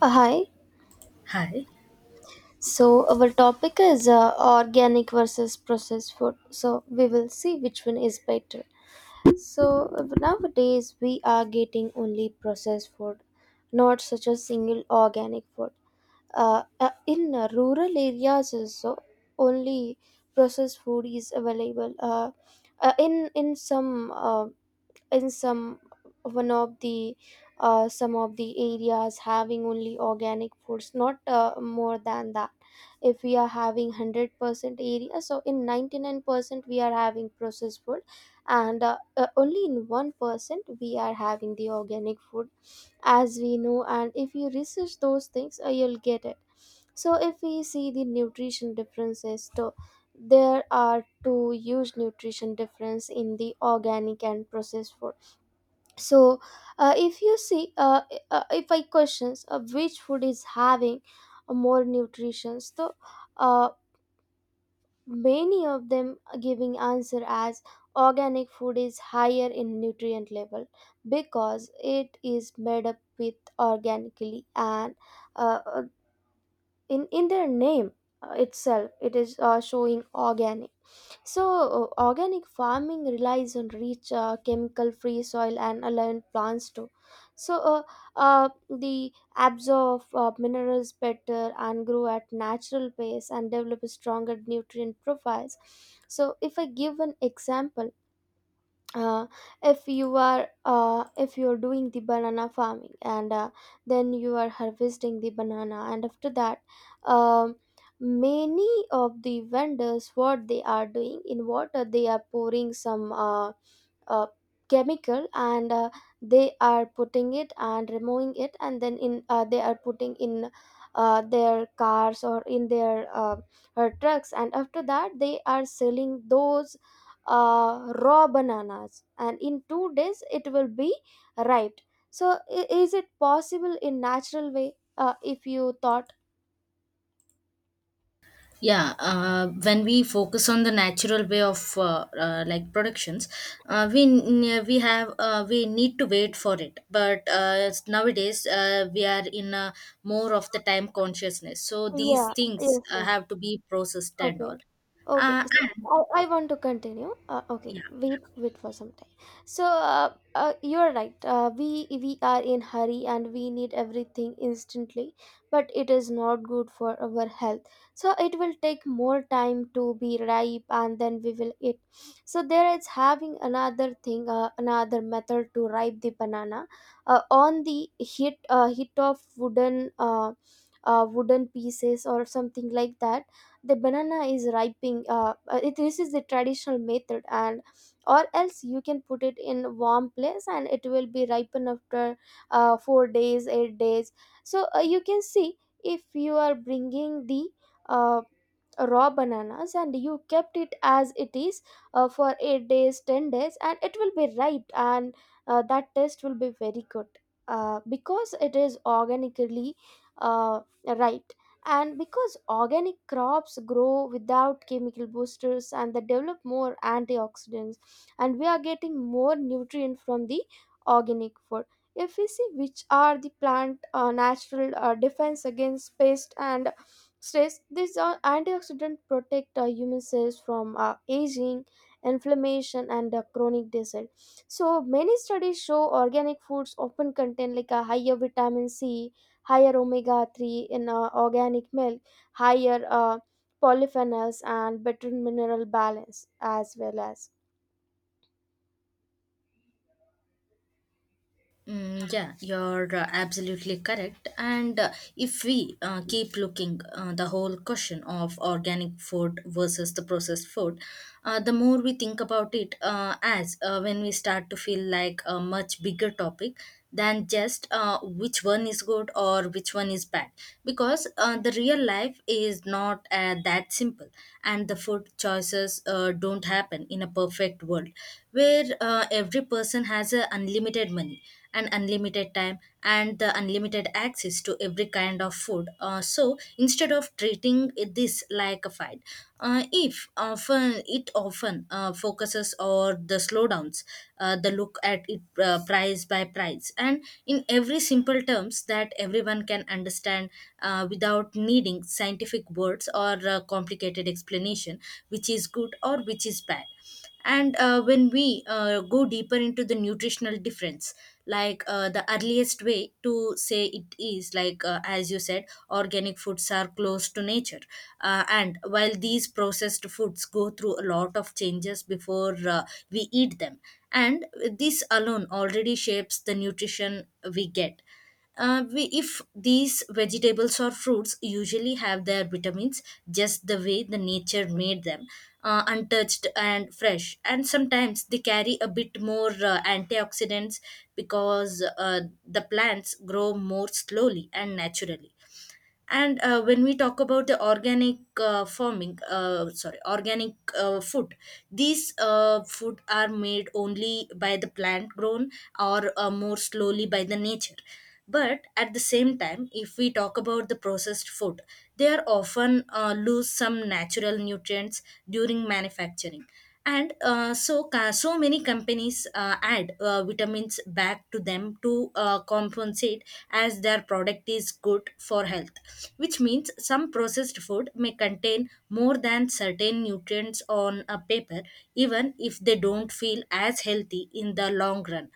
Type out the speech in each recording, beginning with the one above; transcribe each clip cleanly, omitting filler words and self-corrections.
Hi. Hi. So our topic is organic versus processed food. So we will see which one is better. So nowadays we are getting only processed food, not such a single organic food. In rural areas also only processed food is available. Uh, in in some uh, in some one of the Some of the areas having only organic foods, not more than that. If we are having 100% area, so in 99% we are having processed food, and only in 1% we are having the organic food. As we know, and if you research those things, you'll get it. So if we see the nutrition differences, so there are two huge nutrition difference in the organic and processed food. So uh, if you see uh, uh, if I questions, which food is having more nutrition? So uh, many of them giving answer as organic food is higher in nutrient level because it is made up with organically. And uh, uh, in in their name itself it is showing organic. So organic farming relies on rich, chemical-free soil and aligned plants too. So they absorb minerals better and grow at natural pace and develop stronger nutrient profiles. So, if I give an example, uh, if you are if you're doing the banana farming and then you are harvesting the banana, and after that, um, many of the vendors, what they are doing, in water they are pouring some uh, chemical, and they are putting it and removing it, and then in they are putting in their cars or in their trucks, and after that they are selling those raw bananas, and in 2 days it will be ripe. So is it possible in natural way, if you thought? Yeah, when we focus on the natural way of like productions, we have we need to wait for it. But nowadays we are in a more of the time consciousness, so these Yeah, things yes, yes, have to be processed and okay. all. Okay, Uh, and so I want to continue. Okay, yeah. wait, wait for some time. So you're right. We are in hurry and we need everything instantly, but it is not good for our health. So it will take more time to be ripe, and then we will eat. So there is having another thing, another method to ripe the banana, on the heat heat of wooden wooden pieces or something like that. The banana is ripening. This is the traditional method. And or else you can put it in warm place and it will be ripen after 4 days, 8 days. So you can see if you are bringing the uh, raw bananas and you kept it as it is for 8 days, 10 days, and it will be ripe, and that taste will be very good, because it is organically, uh, right. And because organic crops grow without chemical boosters, and they develop more antioxidants, and we are getting more nutrient from the organic food. If we see, which are the plant natural defense against pest and stress? These are antioxidant, protect human cells from aging, inflammation, and chronic disease. So many studies show organic foods often contain like a higher vitamin c, higher omega 3 in organic milk, higher polyphenols, and better mineral balance as well as. Yeah, you're absolutely correct. And if we keep looking the whole question of organic food versus the processed food, the more we think about it, as when we start to feel like a much bigger topic than just which one is good or which one is bad, because the real life is not that simple, and the food choices don't happen in a perfect world where every person has a unlimited money and unlimited time and the unlimited access to every kind of food. So instead of treating this like a fight, if often it often focuses on the slowdowns, the look at it price by price, and in every simple terms that everyone can understand without needing scientific words or complicated explanation, which is good or which is bad. And when we go deeper into the nutritional difference, like the earliest way to say it is like as you said, organic foods are close to nature and while these processed foods go through a lot of changes before we eat them, and this alone already shapes the nutrition we get. If these vegetables or fruits usually have their vitamins just the way the nature made them, untouched and fresh, and sometimes they carry a bit more antioxidants because the plants grow more slowly and naturally. And when we talk about the organic farming, sorry, organic food, these food are made only by the plant grown or more slowly by the nature. But at the same time, if we talk about the processed food, they are often lose some natural nutrients during manufacturing. And so many companies add vitamins back to them to compensate, as their product is good for health, which means some processed food may contain more than certain nutrients on a paper, even if they don't feel as healthy in the long run.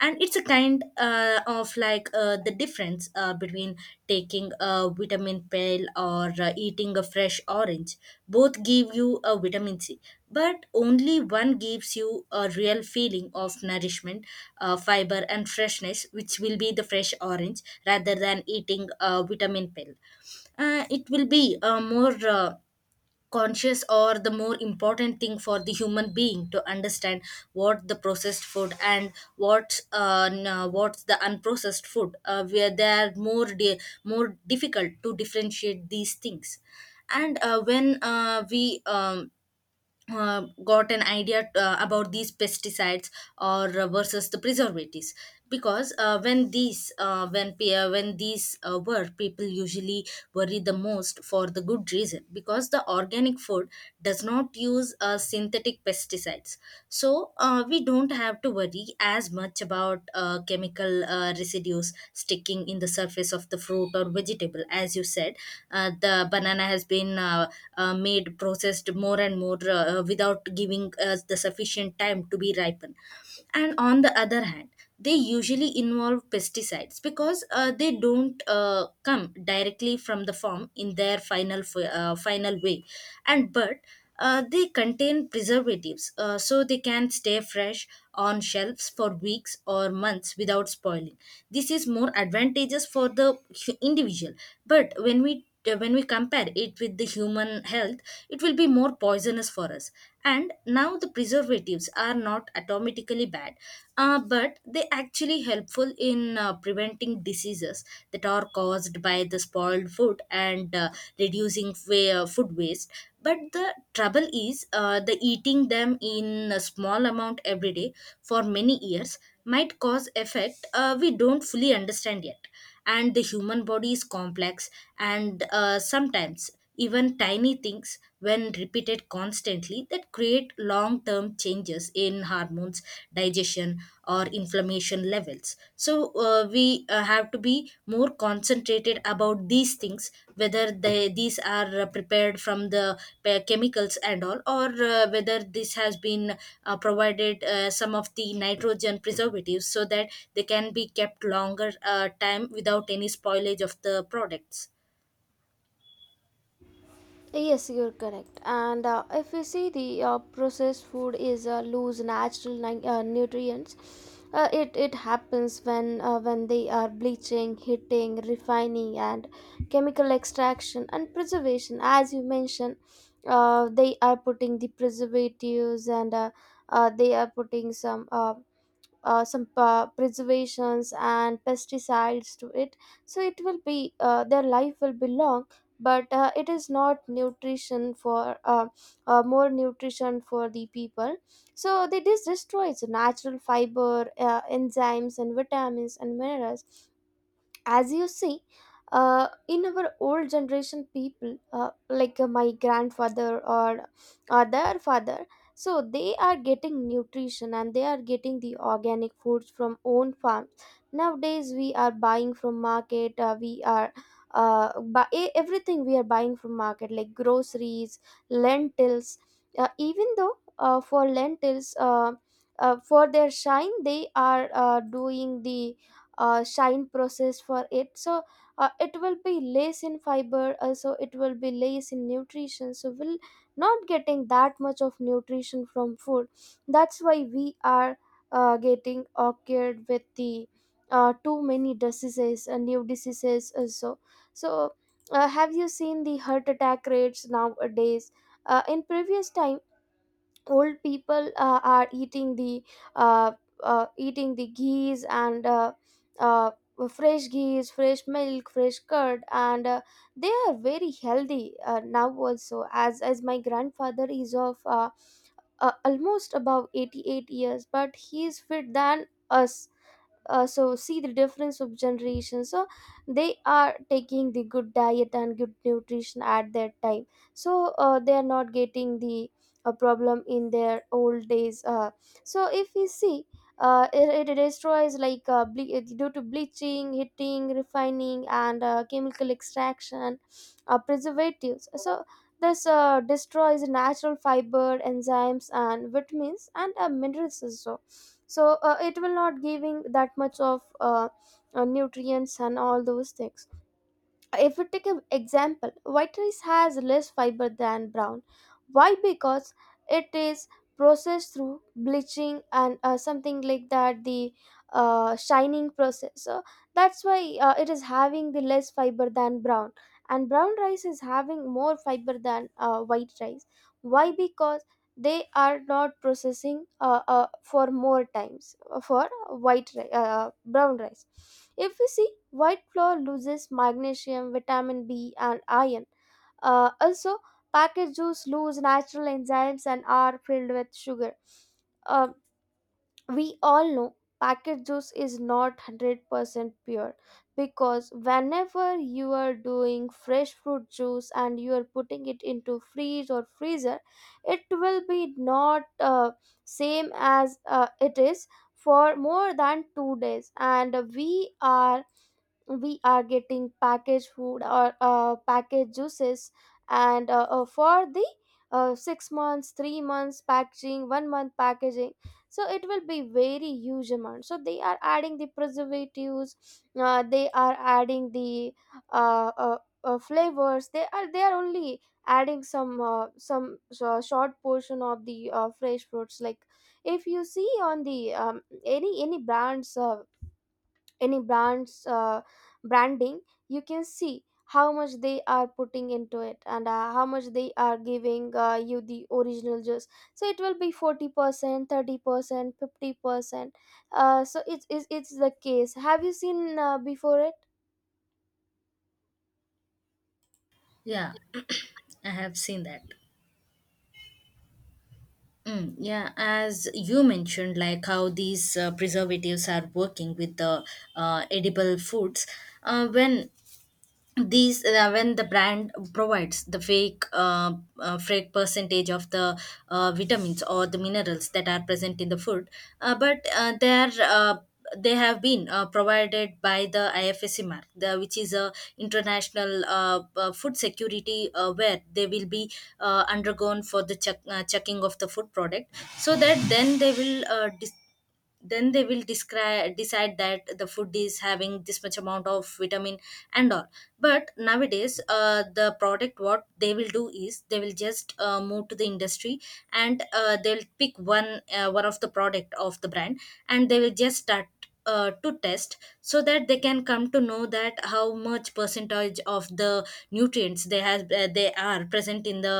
And it's a kind of like the difference between taking a vitamin pill or eating a fresh orange. Both give you a vitamin c, but only one gives you a real feeling of nourishment, fiber and freshness, which will be the fresh orange rather than eating a vitamin pill. It will be a more conscious or the more important thing for the human being to understand what the processed food and what what's the unprocessed food, where they are more more difficult to differentiate these things. And when we got an idea about these pesticides or versus the preservatives, because when these when pe- when these were people usually worry the most for the good reason, because the organic food does not use synthetic pesticides, so we don't have to worry as much about chemical residues sticking in the surface of the fruit or vegetable. As you said, the banana has been made process processed more and more without giving us the sufficient time to be ripened. And on the other hand, they usually involve pesticides because they don't come directly from the farm in their final way. And but they contain preservatives so they can stay fresh on shelves for weeks or months without spoiling. This is more advantageous for the individual, but when we compare it with the human health, it will be more poisonous for us. And now the preservatives are not automatically bad, but they actually helpful in preventing diseases that are caused by the spoiled food, and food waste. But the trouble is the eating them in a small amount every day for many years might cause effect we don't fully understand yet. And the human body is complex, and sometimes even tiny things, when repeated constantly, that create long term changes in hormones, digestion, or inflammation levels. So we have to be more concentrated stated about these things, whether they these are prepared from the chemicals and all, or whether this has been provided some of the nitrogen preservatives so that they can be kept longer time without any spoilage of the products. Yes, you're correct. And if you see, the processed food is lose natural nutrients. It happens when they are bleaching, heating, refining, and chemical extraction and preservation. As you mentioned, they are putting the preservatives, and they are putting some. Some preservations and pesticides to it, so it will be their life will be long, but it is not nutrition for more nutrition for the people. So they this destroys natural fiber, enzymes and vitamins and minerals. As you see, in our old generation people, like my grandfather or their father, so they are getting nutrition and they are getting the organic foods from own farms. Nowadays we are buying from market. We are bu- e- Everything we are buying from market like groceries, lentils. Even though, for lentils, for their shine, they are doing the shine process for it. So it will be less in fiber, also it will be less in nutrition, so we'll not getting that much of nutrition from food. That's why we are getting occurred with the too many diseases and new diseases also. So have you seen the heart attack rates nowadays? In previous time, old people are uh, eating the ghees and uh, fresh ghees, fresh milk, fresh curd, and they are very healthy. Now also, as my grandfather is of almost above 88 years, but he is fit than us. So see the difference of generations. So they are taking the good diet and good nutrition at that time. So they are not getting the problem in their old days. So if we see, it destroys like due to bleaching, heating, refining, and chemical extraction, preservatives. So this destroys natural fiber, enzymes, and vitamins and minerals also. So it will not giving that much of nutrients and all those things. If we take an example, white rice has less fiber than brown. Why? Because it is processed through bleaching and something like that, the shining process. So that's why it is having the less fiber than brown, and brown rice is having more fiber than white rice. Why? Because they are not processing for more times for brown rice. If we see, white flour loses magnesium, vitamin b, and iron, also. Packaged juice lose natural enzymes and are filled with sugar. Uh, we all know packet juice is not 100% pure, because whenever you are doing fresh fruit juice and you are putting it into freeze or freezer, it will be not same as it is for more than 2 days. And we are getting packaged food or packaged juices, and for the 6 months, 3 months packaging, 1 month packaging. So it will be very huge amount, so they are adding the preservatives. They are adding the flavors. They are only adding some short portion of the fresh fruits. Like, if you see on the any brands, any brands, branding, you can see how much they are putting into it, and how much they are giving you the original juice. So it will be 40%, 30%, 50%. So it's the case. Have you seen before it? Yeah, I have seen that. Yeah, as you mentioned, like how these preservatives are working with the uh, edible foods. When these when the brand provides the fake fake percentage of the vitamins or the minerals that are present in the food, but they are they have been provided by the IFSC mark, the, which is a international food security, where they will be undergone for the check, checking of the food product, so that then they will then they will describe decide that the food is having this much amount of vitamin and all. But nowadays the product what they will do is they will just move to the industry, and they'll pick one one of the product of the brand, and they will just start to test so that they can come to know that how much percentage of the nutrients they has they are present in the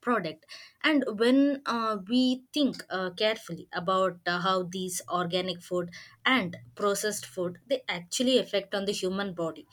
product. And when we think carefully about how these organic food and processed food, they actually affect on the human body,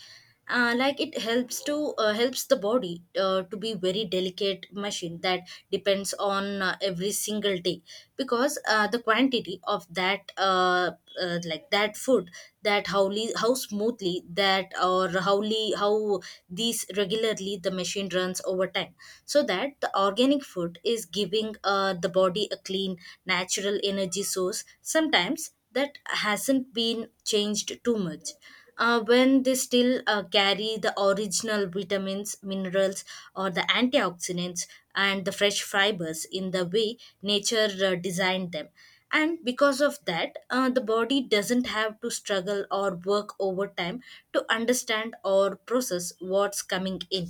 like it helps to helps the body to be very delicate machine that depends on every single day, because the quantity of that like that foot, that how how smoothly that or how how these regularly the machine runs over time. So that the organic food is giving the body a clean natural energy source sometimes that hasn't been changed too much. When they still carry the original vitamins, minerals, or the antioxidants and the fresh fibers in the way nature designed them, and because of that, the body doesn't have to struggle or work overtime to understand or process what's coming in.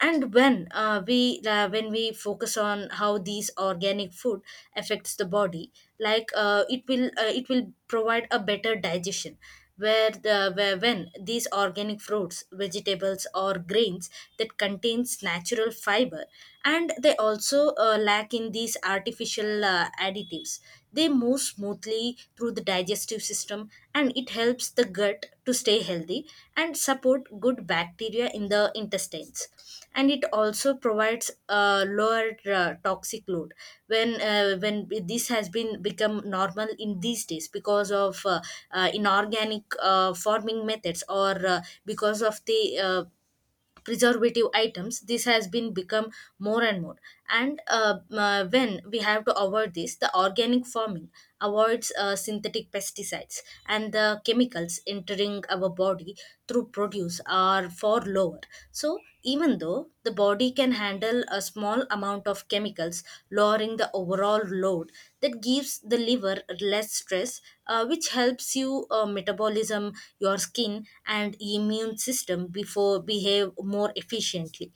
And when we when we focus on how these organic food affects the body, like it will provide a better digestion, where the where when these organic fruits, vegetables or grains that contains natural fiber, and they also lack in these artificial additives, they move smoothly through the digestive system, and it helps the gut to stay healthy and support good bacteria in the intestines. And it also provides a lower toxic load, when this has been become normal in these days because of inorganic farming methods, or because of the preservative items, this has been become more and more. And when we have to avoid this, the organic farming avoids synthetic pesticides, and the chemicals entering our body through produce are far lower. So even though the body can handle a small amount of chemicals, lowering the overall load, that gives the liver less stress, which helps you metabolism, your skin, and immune system before behave more efficiently.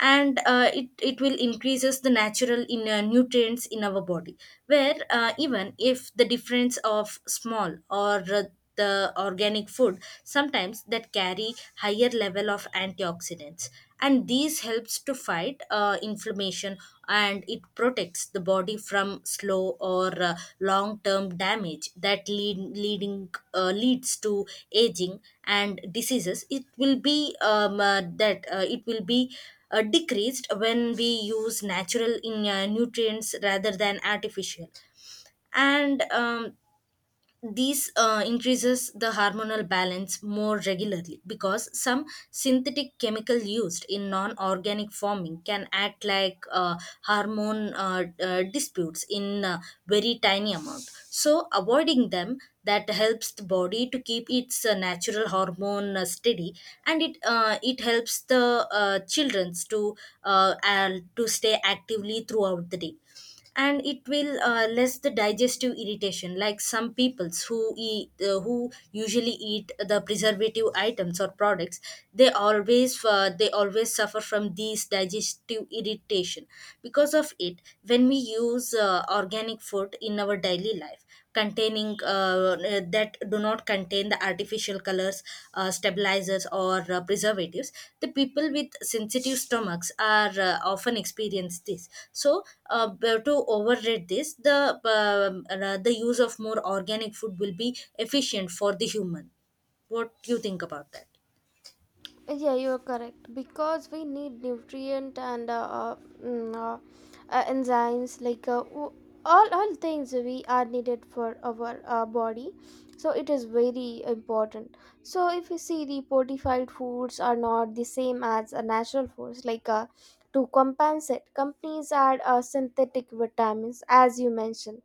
And it will increases the natural nutrients in our body, where even if the difference of small or the organic food sometimes that carry higher level of antioxidants, and these helps to fight inflammation, and it protects the body from slow or long term damage that leading leads to aging and diseases. It will be that it will be decreased when we use natural in nutrients rather than artificial. And these increases the hormonal balance more regularly, because some synthetic chemical used in non-organic farming can act like hormone disputes in a very tiny amount. So avoiding them that helps the body to keep its natural hormone steady, and it helps the childrens to and to stay actively throughout the day, and it will less the digestive irritation, like some peoples who eat who usually eat the preservative items or products. They always suffer from these digestive irritation because of it. When we use organic food in our daily life containing that do not contain the artificial colors, stabilizers or preservatives, the people with sensitive stomachs are often experience this. So to overrate this, the use of more organic food will be efficient for the human. What do you think about that? Yeah, you're correct, because we need nutrient and mm, uh, enzymes. All things we are needed for our body. So it is very important. So if you see, the fortified foods are not the same as natural foods. To compensate, companies add synthetic vitamins as you mentioned,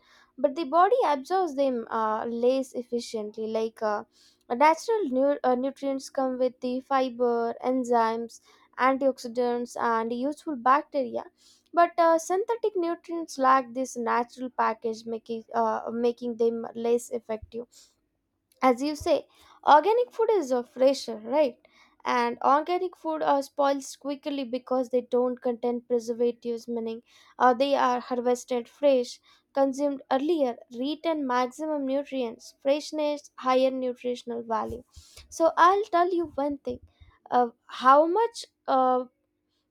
but the body absorbs them less efficiently. Like. Natural nutrients come with the fiber, enzymes, antioxidants, and useful bacteria. But synthetic nutrients lack this natural package, making them less effective. As you say, organic food is fresher, right? And organic food are spoils quickly because they don't contain preservatives, meaning they are harvested fresh, consumed earlier, retain maximum nutrients, freshness, higher nutritional value. So I'll tell you one thing. How much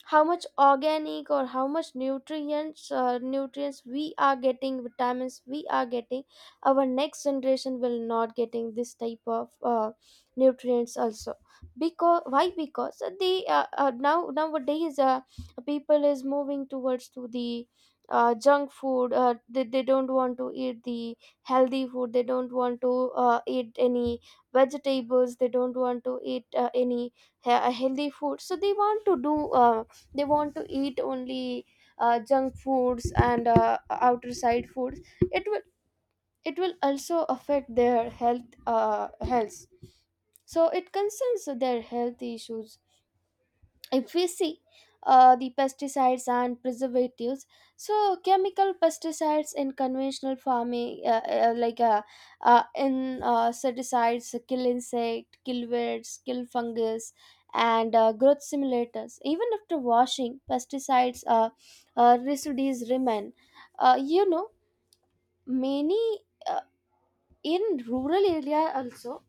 how much organic or how much nutrients we are getting, vitamins we are getting, our next generation will not getting this type of nutrients also. Because why? Because they now nowadays people is moving towards to the junk food. They don't want to eat the healthy food, they don't want to eat any vegetables, they don't want to eat any he- healthy food. So they want to do they want to eat only junk foods and outer side foods. It will, it will also affect their health. So it concerns their health issues. If we see the pesticides and preservatives, so chemical pesticides in conventional farming, like in certicides kill insect, kill weeds, kill fungus, and growth simulators. Even after washing pesticides, residues remain. uh, you know Many uh, in rural area also,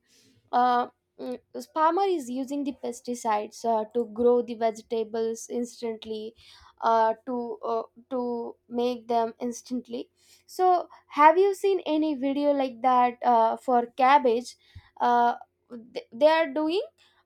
uh, mm, farmer is using the pesticides to grow the vegetables instantly, uh, to uh, to make them instantly. So have you seen any video like that for cabbage? uh, they are doing,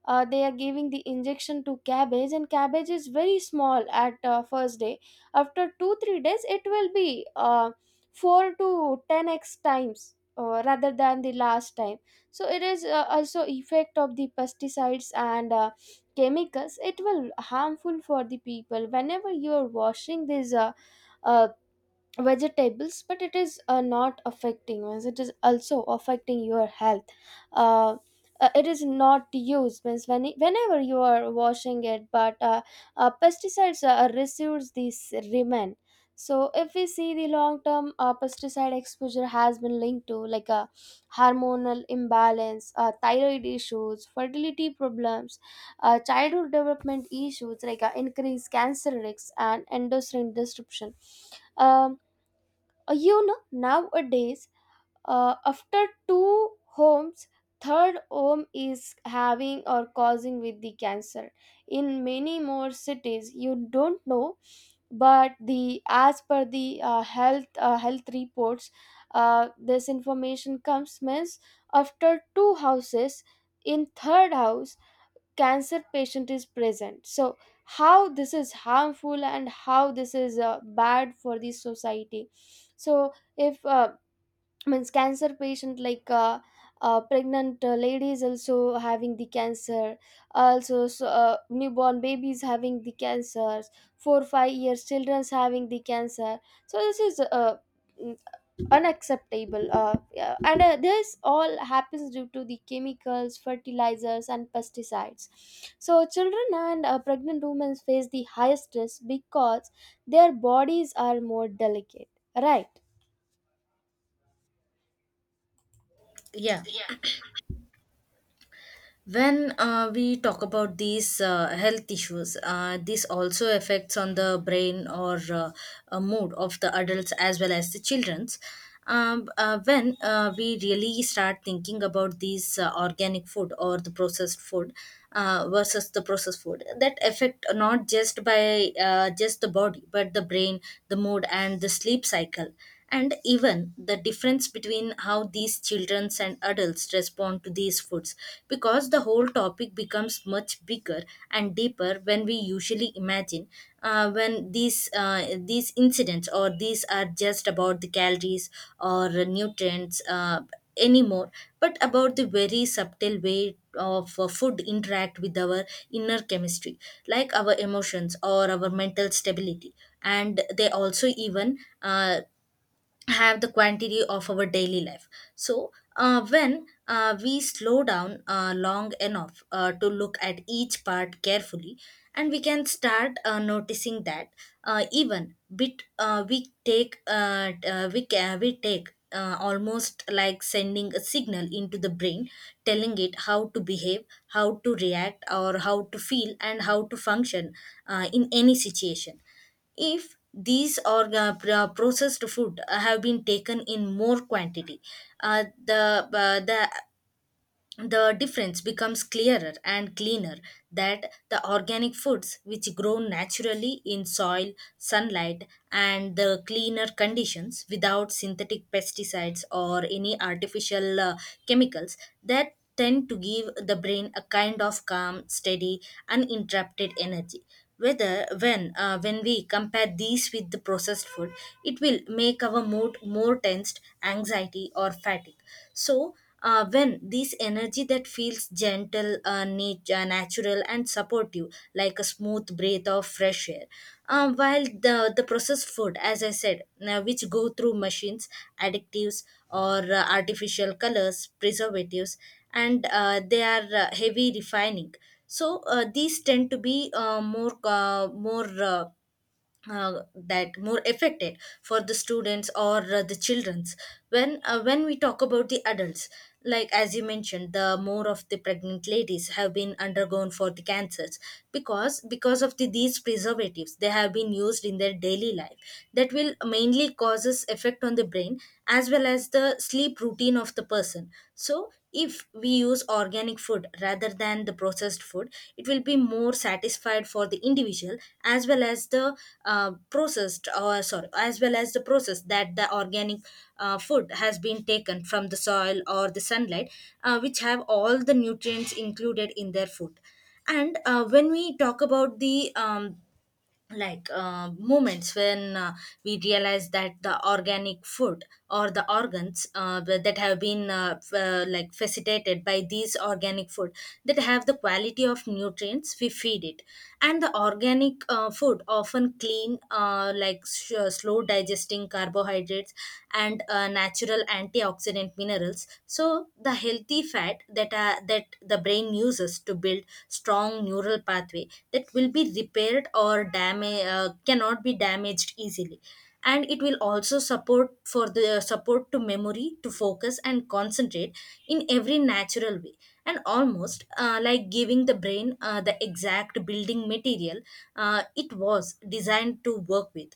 they are giving the injection to cabbage, and cabbage is very small at first day. After 2 3 days, it will be 4 to 10x times rather than the last time. So it is also effect of the pesticides and chemicals. It will harmful for the people. Whenever you are washing these uh, vegetables, but it is not affecting means it is also affecting your health uh, it is not used means when, whenever you are washing it, but pesticides residues these remain. So if we see the long term, pesticide exposure has been linked to like a hormonal imbalance, thyroid issues, fertility problems, childhood development issues, like increased cancer risks and endocrine disruption. um, you know, nowadays, after two homes, third home is having or causing with the cancer. In many more cities, you don't know, but the as per the health reports, this information comes means after two houses, in third house, cancer patient is present. So how this is harmful and how this is bad for the society. So if means cancer patient, like pregnant ladies also having the cancer also, so newborn babies having the cancers, 4 5 years children's having the cancer. So this is unacceptable, yeah, and this all happens due to the chemicals, fertilizers and pesticides. So children and pregnant women face the highest risk because their bodies are more delicate, right? Yeah, when we talk about these health issues, this also affects on the brain or mood of the adults as well as the children's. When we really start thinking about these organic food or the processed food, versus the processed food, that affect not just by just the body but the brain, the mood and the sleep cycle, and even the difference between how these children and adults respond to these foods, because the whole topic becomes much bigger and deeper when we usually imagine. When these incidents or these are just about the calories or nutrients anymore, but about the very subtle way of food interact with our inner chemistry, like our emotions or our mental stability, and they also even have the quantity of our daily life. So when we slow down long enough to look at each part carefully, and we can start noticing that even bit we take t- we can we take almost like sending a signal into the brain, telling it how to behave, how to react or how to feel and how to function in any situation. If these processed food have been taken in more quantity, the the difference becomes clearer and cleaner, that the organic foods which grow naturally in soil, sunlight and the cleaner conditions without synthetic pesticides or any artificial chemicals, that tend to give the brain a kind of calm, steady, uninterrupted energy, whether when we compare these with the processed food, it will make our mood more tensed, anxiety or fatigue. So when this energy that feels gentle, natural and supportive, like a smooth breath of fresh air. While the processed food, as I said, which go through machines, additives, or artificial colors, preservatives, and they are heavy refining, so these tend to be more that more affected for the students or the childrens. When when we talk about the adults, like as you mentioned, the more of the pregnant ladies have been undergone for the cancers, because of the, these preservatives they have been used in their daily life, that will mainly causes effect on the brain as well as the sleep routine of the person. So if we use organic food rather than the processed food, it will be more satisfied for the individual, as well as the processed or sorry, as well as the process, that the organic food has been taken from the soil or the sunlight, which have all the nutrients included in their food. And when we talk about the like moments when we realize that the organic food or the organs that have been like facilitated by these organic food, that have the quality of nutrients we feed it. And the organic food often clean, like slow digesting carbohydrates, and natural antioxidant minerals, so the healthy fat that are, that the brain uses to build strong neural pathway, that will be repaired or damage cannot be damaged easily, and it will also support for the support to memory, to focus and concentrate in every natural way, and almost like giving the brain the exact building material it was designed to work with.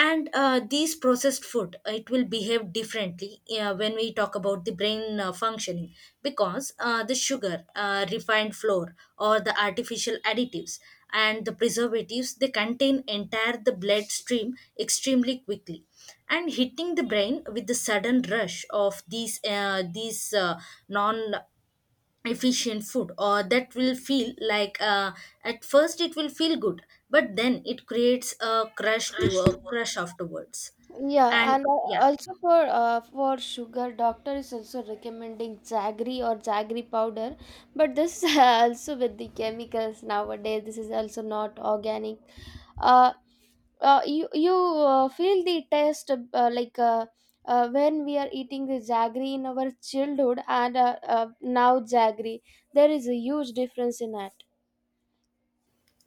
And these processed food, it will behave differently when we talk about the brain functioning, because the sugar, refined flour or the artificial additives and the preservatives, they contain entire the bloodstream extremely quickly, and hitting the brain with the sudden rush of these these non efficient food, or that will feel like at first it will feel good, but then it creates a crush to a crush afterwards. Yeah, And and yeah. also for sugar, doctor is also recommending jaggery or jaggery powder, but this also with the chemicals nowadays. This is also not organic. Uh, you feel the taste of, when we are eating the jaggery in our childhood, and now jaggery, there is a huge difference in it.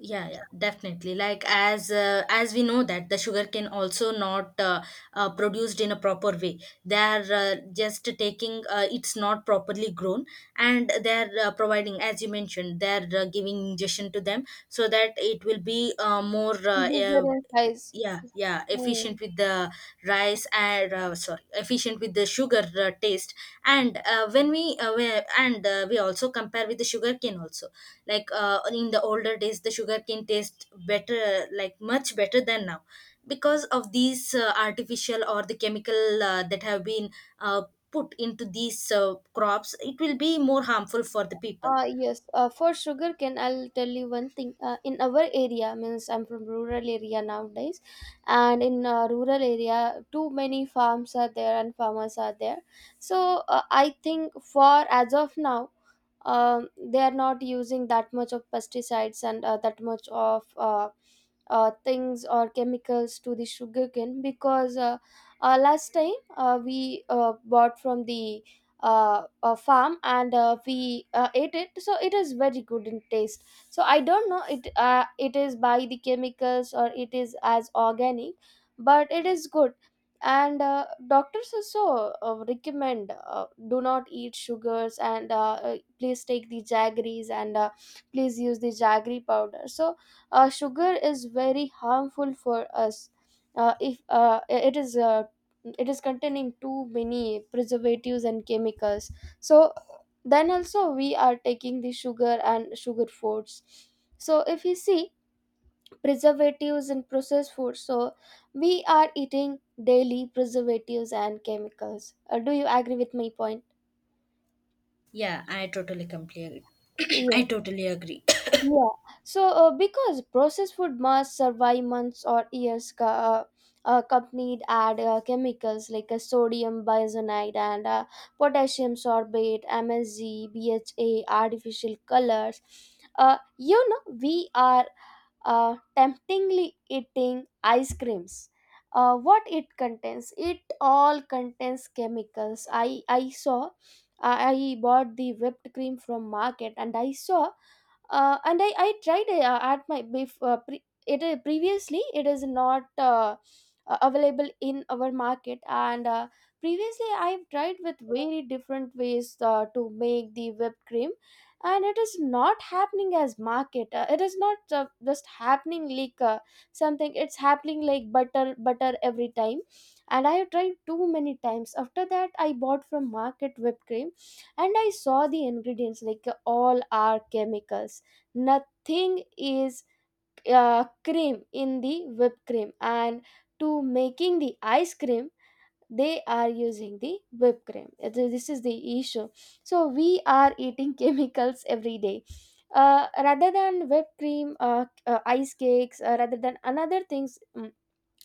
Yeah, definitely, like as we know that the sugar can also not produced in a proper way. They are just taking, it's not properly grown, and they are providing, as you mentioned, they are giving injection to them so that it will be more. Bigger in size. Yeah, yeah, efficient with the rice, and sorry, efficient with the sugar taste. And when we and we also compare with the sugarcane also. Like in the older days, the sugarcane taste better, like much better than now, because of these artificial or the chemical that have been uh, put into these crops. It will be more harmful for the people. Yes, for sugarcane, I'll tell you one thing. In our area, means I'm from rural area nowadays, and in rural area, too many farms are there, and farmers are there. So I think for as of now, they are not using that much of pesticides and that much of things or chemicals to the sugarcane. Because last time we bought from the farm, and we ate it, so it is very good in taste. So I don't know it it is by the chemicals or it is as organic, but it is good. And doctors also recommend do not eat sugars and please take the jaggeries, and please use the jaggery powder. So sugar is very harmful for us. If it is it is containing too many preservatives and chemicals. So then also we are taking the sugar and sugar foods. So if you see preservatives and processed foods, so we are eating daily preservatives and chemicals. Do you agree with my point? Yeah, I totally completely, I Yes. totally agree. Yeah. So, because processed food must survive months or years, accompanied add chemicals like sodium bisonite and potassium sorbate, MSG, BHA, artificial colors. You know, we are temptingly eating ice creams. What it contains? It all contains chemicals. I saw. I bought the whipped cream from market, and I saw and I tried at my bef- pre- it previously it is not available in our market, and previously I've tried with very different ways to make the whipped cream, and it is not happening as market, it is not just happening like something it's happening like butter butter every time. And I have tried too many times. After that, I bought from market whipped cream and I saw the ingredients, like all are chemicals, nothing is cream in the whipped cream. And to making the ice cream they are using the whipped cream. This is the issue. So we are eating chemicals every day, rather than whipped cream, ice cakes, rather than another things,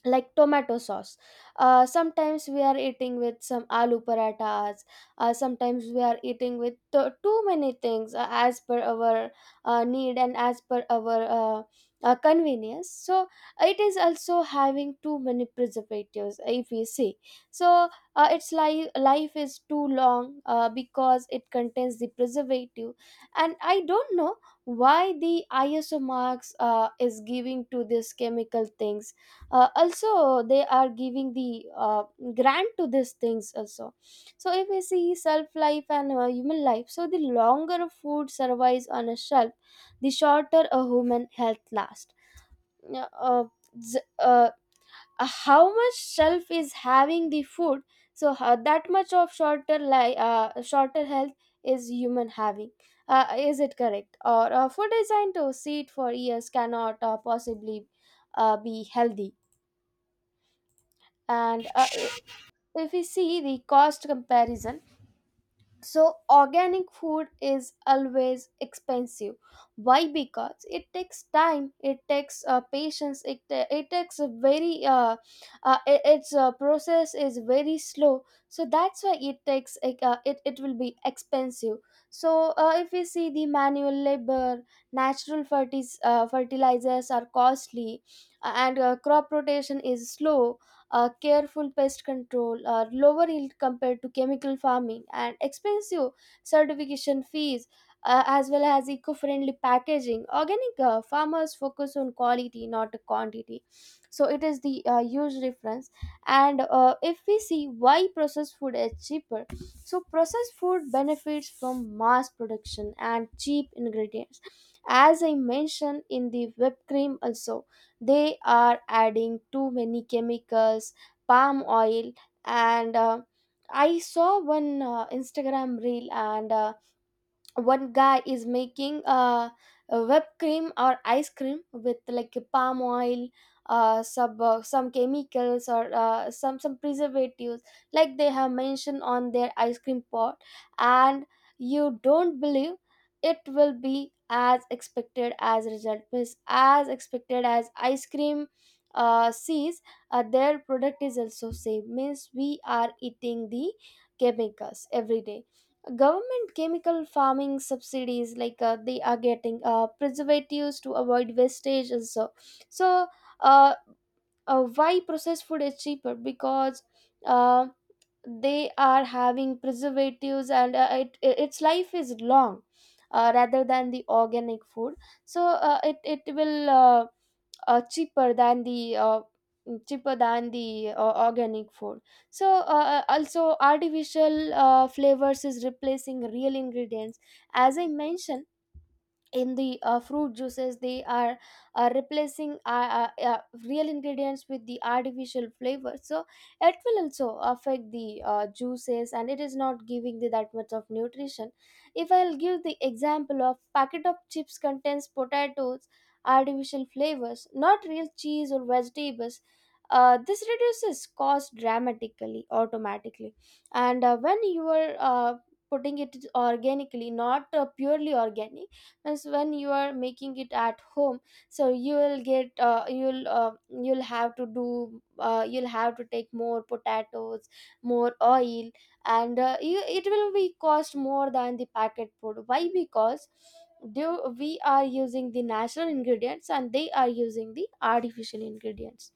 like tomato sauce, sometimes we are eating with some aloo parathas, sometimes we are eating with too many things as per our need, and as per our convenience. So it is also having too many preservatives if we see. So its life is too long because it contains the preservative. And I don't know why the iso marks is giving to this chemical things. Also they are giving the grant to these things also. So if we see shelf life and human life, so the longer a food survives on a shelf, the shorter a human health lasts. Yeah, z- uh, how much shelf is having the food, so how, that much of shorter health is human having, is it correct? Or food designed to sit for years cannot possibly be healthy. And if we see the cost comparison, so organic food is always expensive. Why? Because it takes time, it takes patience, it takes a very its process is very slow. So that's why it takes like, it, it will be expensive. So if we see the manual labor, natural fertilizers are costly, and crop rotation is slow, careful pest control are lower yield compared to chemical farming, and expensive certification fees, as well as eco-friendly packaging. Organic farmers focus on quality not quantity. So it is the huge difference. And if we see why processed food is cheaper, so processed food benefits from mass production and cheap ingredients, as I mentioned in the whipped cream also. They are adding too many chemicals, palm oil, and I saw one Instagram reel, and one guy is making a whipped cream or ice cream with like a palm oil, some chemicals or some preservatives like they have mentioned on their ice cream pot. And you don't believe, it will be as expected as result, means as expected as ice cream sees. Their product is also same, means we are eating the chemicals every day. Government chemical farming subsidies, like they are getting preservatives to avoid wastage and so. So uh, why processed food is cheaper? Because uh, they are having preservatives, and it, its life is long, rather than the organic food. So it, it will cheaper than the cheaper than the organic food. So also artificial flavors is replacing real ingredients, as I mentioned, in the fruit juices. They are replacing real ingredients with the artificial flavors. So it will also affect the juices, and it is not giving the that much of nutrition. If I'll give the example of packet of chips, contains potatoes, artificial flavors, not real cheese or vegetables. This reduces cost dramatically, automatically. And when you are putting it organically, not purely organic, as when you are making it at home, so you will get you'll have to do you'll have to take more potatoes, more oil, and you, it will be cost more than the packet food. Why? Because do we are using the natural ingredients, and they are using the artificial ingredients.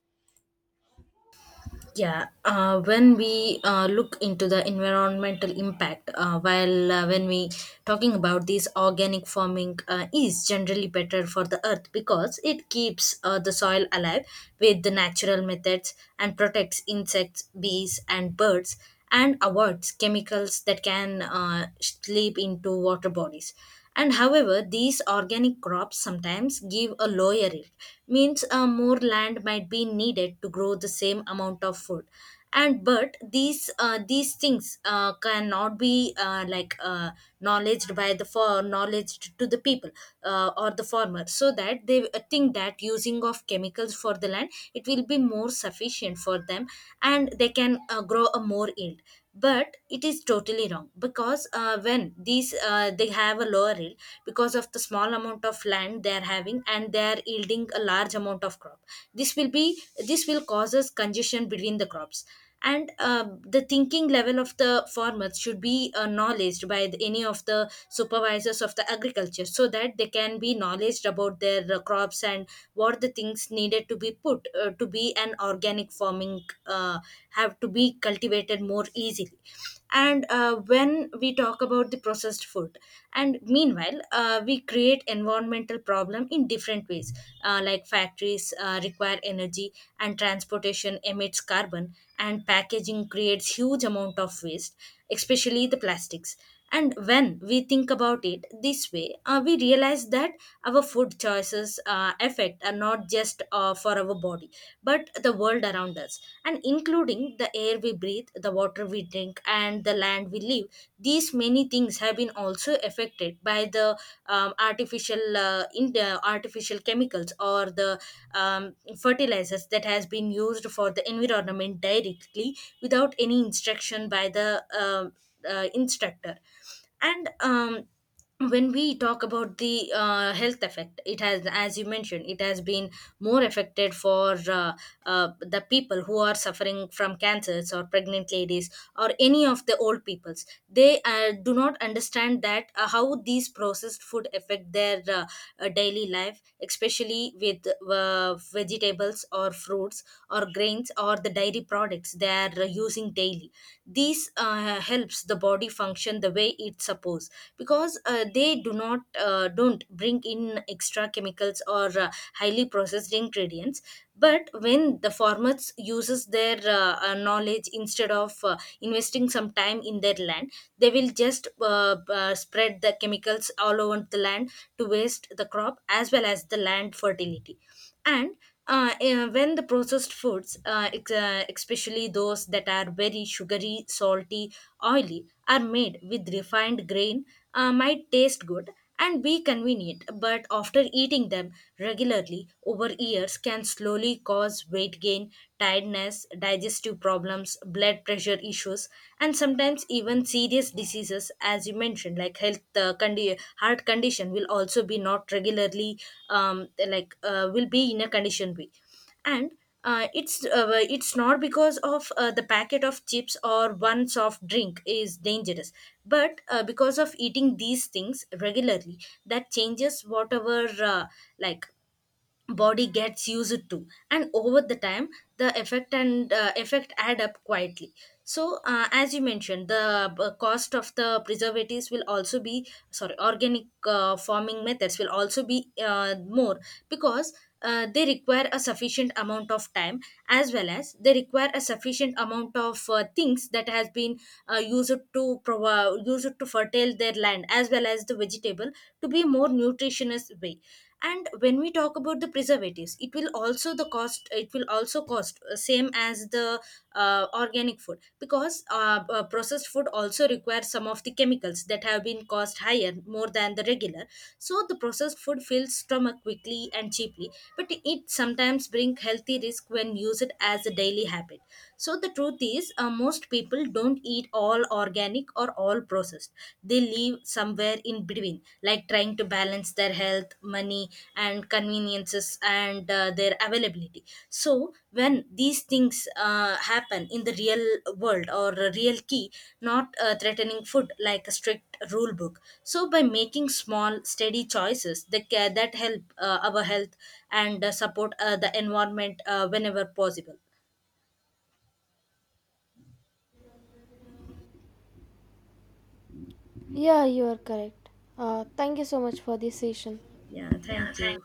Yeah, when we look into the environmental impact, while when we talking about this organic farming is generally better for the earth, because it keeps the soil alive with the natural methods, and protects insects, bees, and birds, and avoids chemicals that can slip into water bodies. And however, these organic crops sometimes give a lower yield, means more land might be needed to grow the same amount of food. And but these things cannot be knowledged by the, for knowledged to the people, or the farmer, so that they think that using of chemicals for the land, it will be more sufficient for them, and they can grow a more yield. But it is totally wrong, because when these they have a lower yield because of the small amount of land they are having, and they are yielding a large amount of crop. this will be this will causes congestion between the crops. And the thinking level of the farmers should be knowledged by the, any of the supervisors of the agriculture, so that they can be knowledged about their crops, and what the things needed to be put to be an organic farming uh, have to be cultivated more easily. And when we talk about the processed food, and meanwhile we create environmental problem in different ways, like factories require energy, and transportation emits carbon, and packaging creates huge amount of waste, especially the plastics. And when we think about it this way, we realize that our food choices affect are not just for our body, but the world around us, and including the air we breathe, the water we drink, and the land we live. These many things have been also affected by the artificial, in the artificial chemicals, or the um, fertilizers that has been used for the environment directly without any instruction by the instructor. And when we talk about the health effect, it has, as you mentioned, it has been more affected for the people who are suffering from cancers or pregnant ladies, or any of the old peoples. They do not understand that how these processed food affect their daily life, especially with vegetables or fruits or grains or the dairy products they are using daily. These helps the body function the way it's supposed, because they do not don't bring in extra chemicals or highly processed ingredients. But when the formats uses their knowledge instead of investing some time in their land, they will just spread the chemicals all over the land, to waste the crop as well as the land fertility. And when the processed foods, especially those that are very sugary, salty, oily, are made with refined grain, might taste good and be convenient, but after eating them regularly over years, can slowly cause weight gain, tiredness, digestive problems, blood pressure issues, and sometimes even serious diseases, as you mentioned, like health heart condition, will also be not regularly, like will be in a condition be. And uh, it's uh, it's not because of the packet of chips or one soft drink is dangerous, but because of eating these things regularly, that changes whatever uh, like body gets used to, and over the time the effect and effect add up quietly. So as you mentioned, the cost of the preservatives will also be, sorry, organic farming methods will also be more, because they require a sufficient amount of time, as well as they require a sufficient amount of things that has been used to fertile their land as well as the vegetable to be more nutritious way. And when we talk about the preservatives, it will also the cost, it will also cost same as the organic food, because processed food also requires some of the chemicals that have been cost higher more than the regular. So the processed food fills stomach quickly and cheaply, but it sometimes bring healthy risk when used as a daily habit. So the truth is, most people don't eat all organic or all processed. They live somewhere in between, like trying to balance their health, money, and conveniences and their availability. So when these things happen in the real world or a real key, not threatening food like a strict rule book. So by making small, steady choices, that that help our health and support the environment whenever possible. Yeah, you are correct. Thank you so much for this session. Yeah, thank you.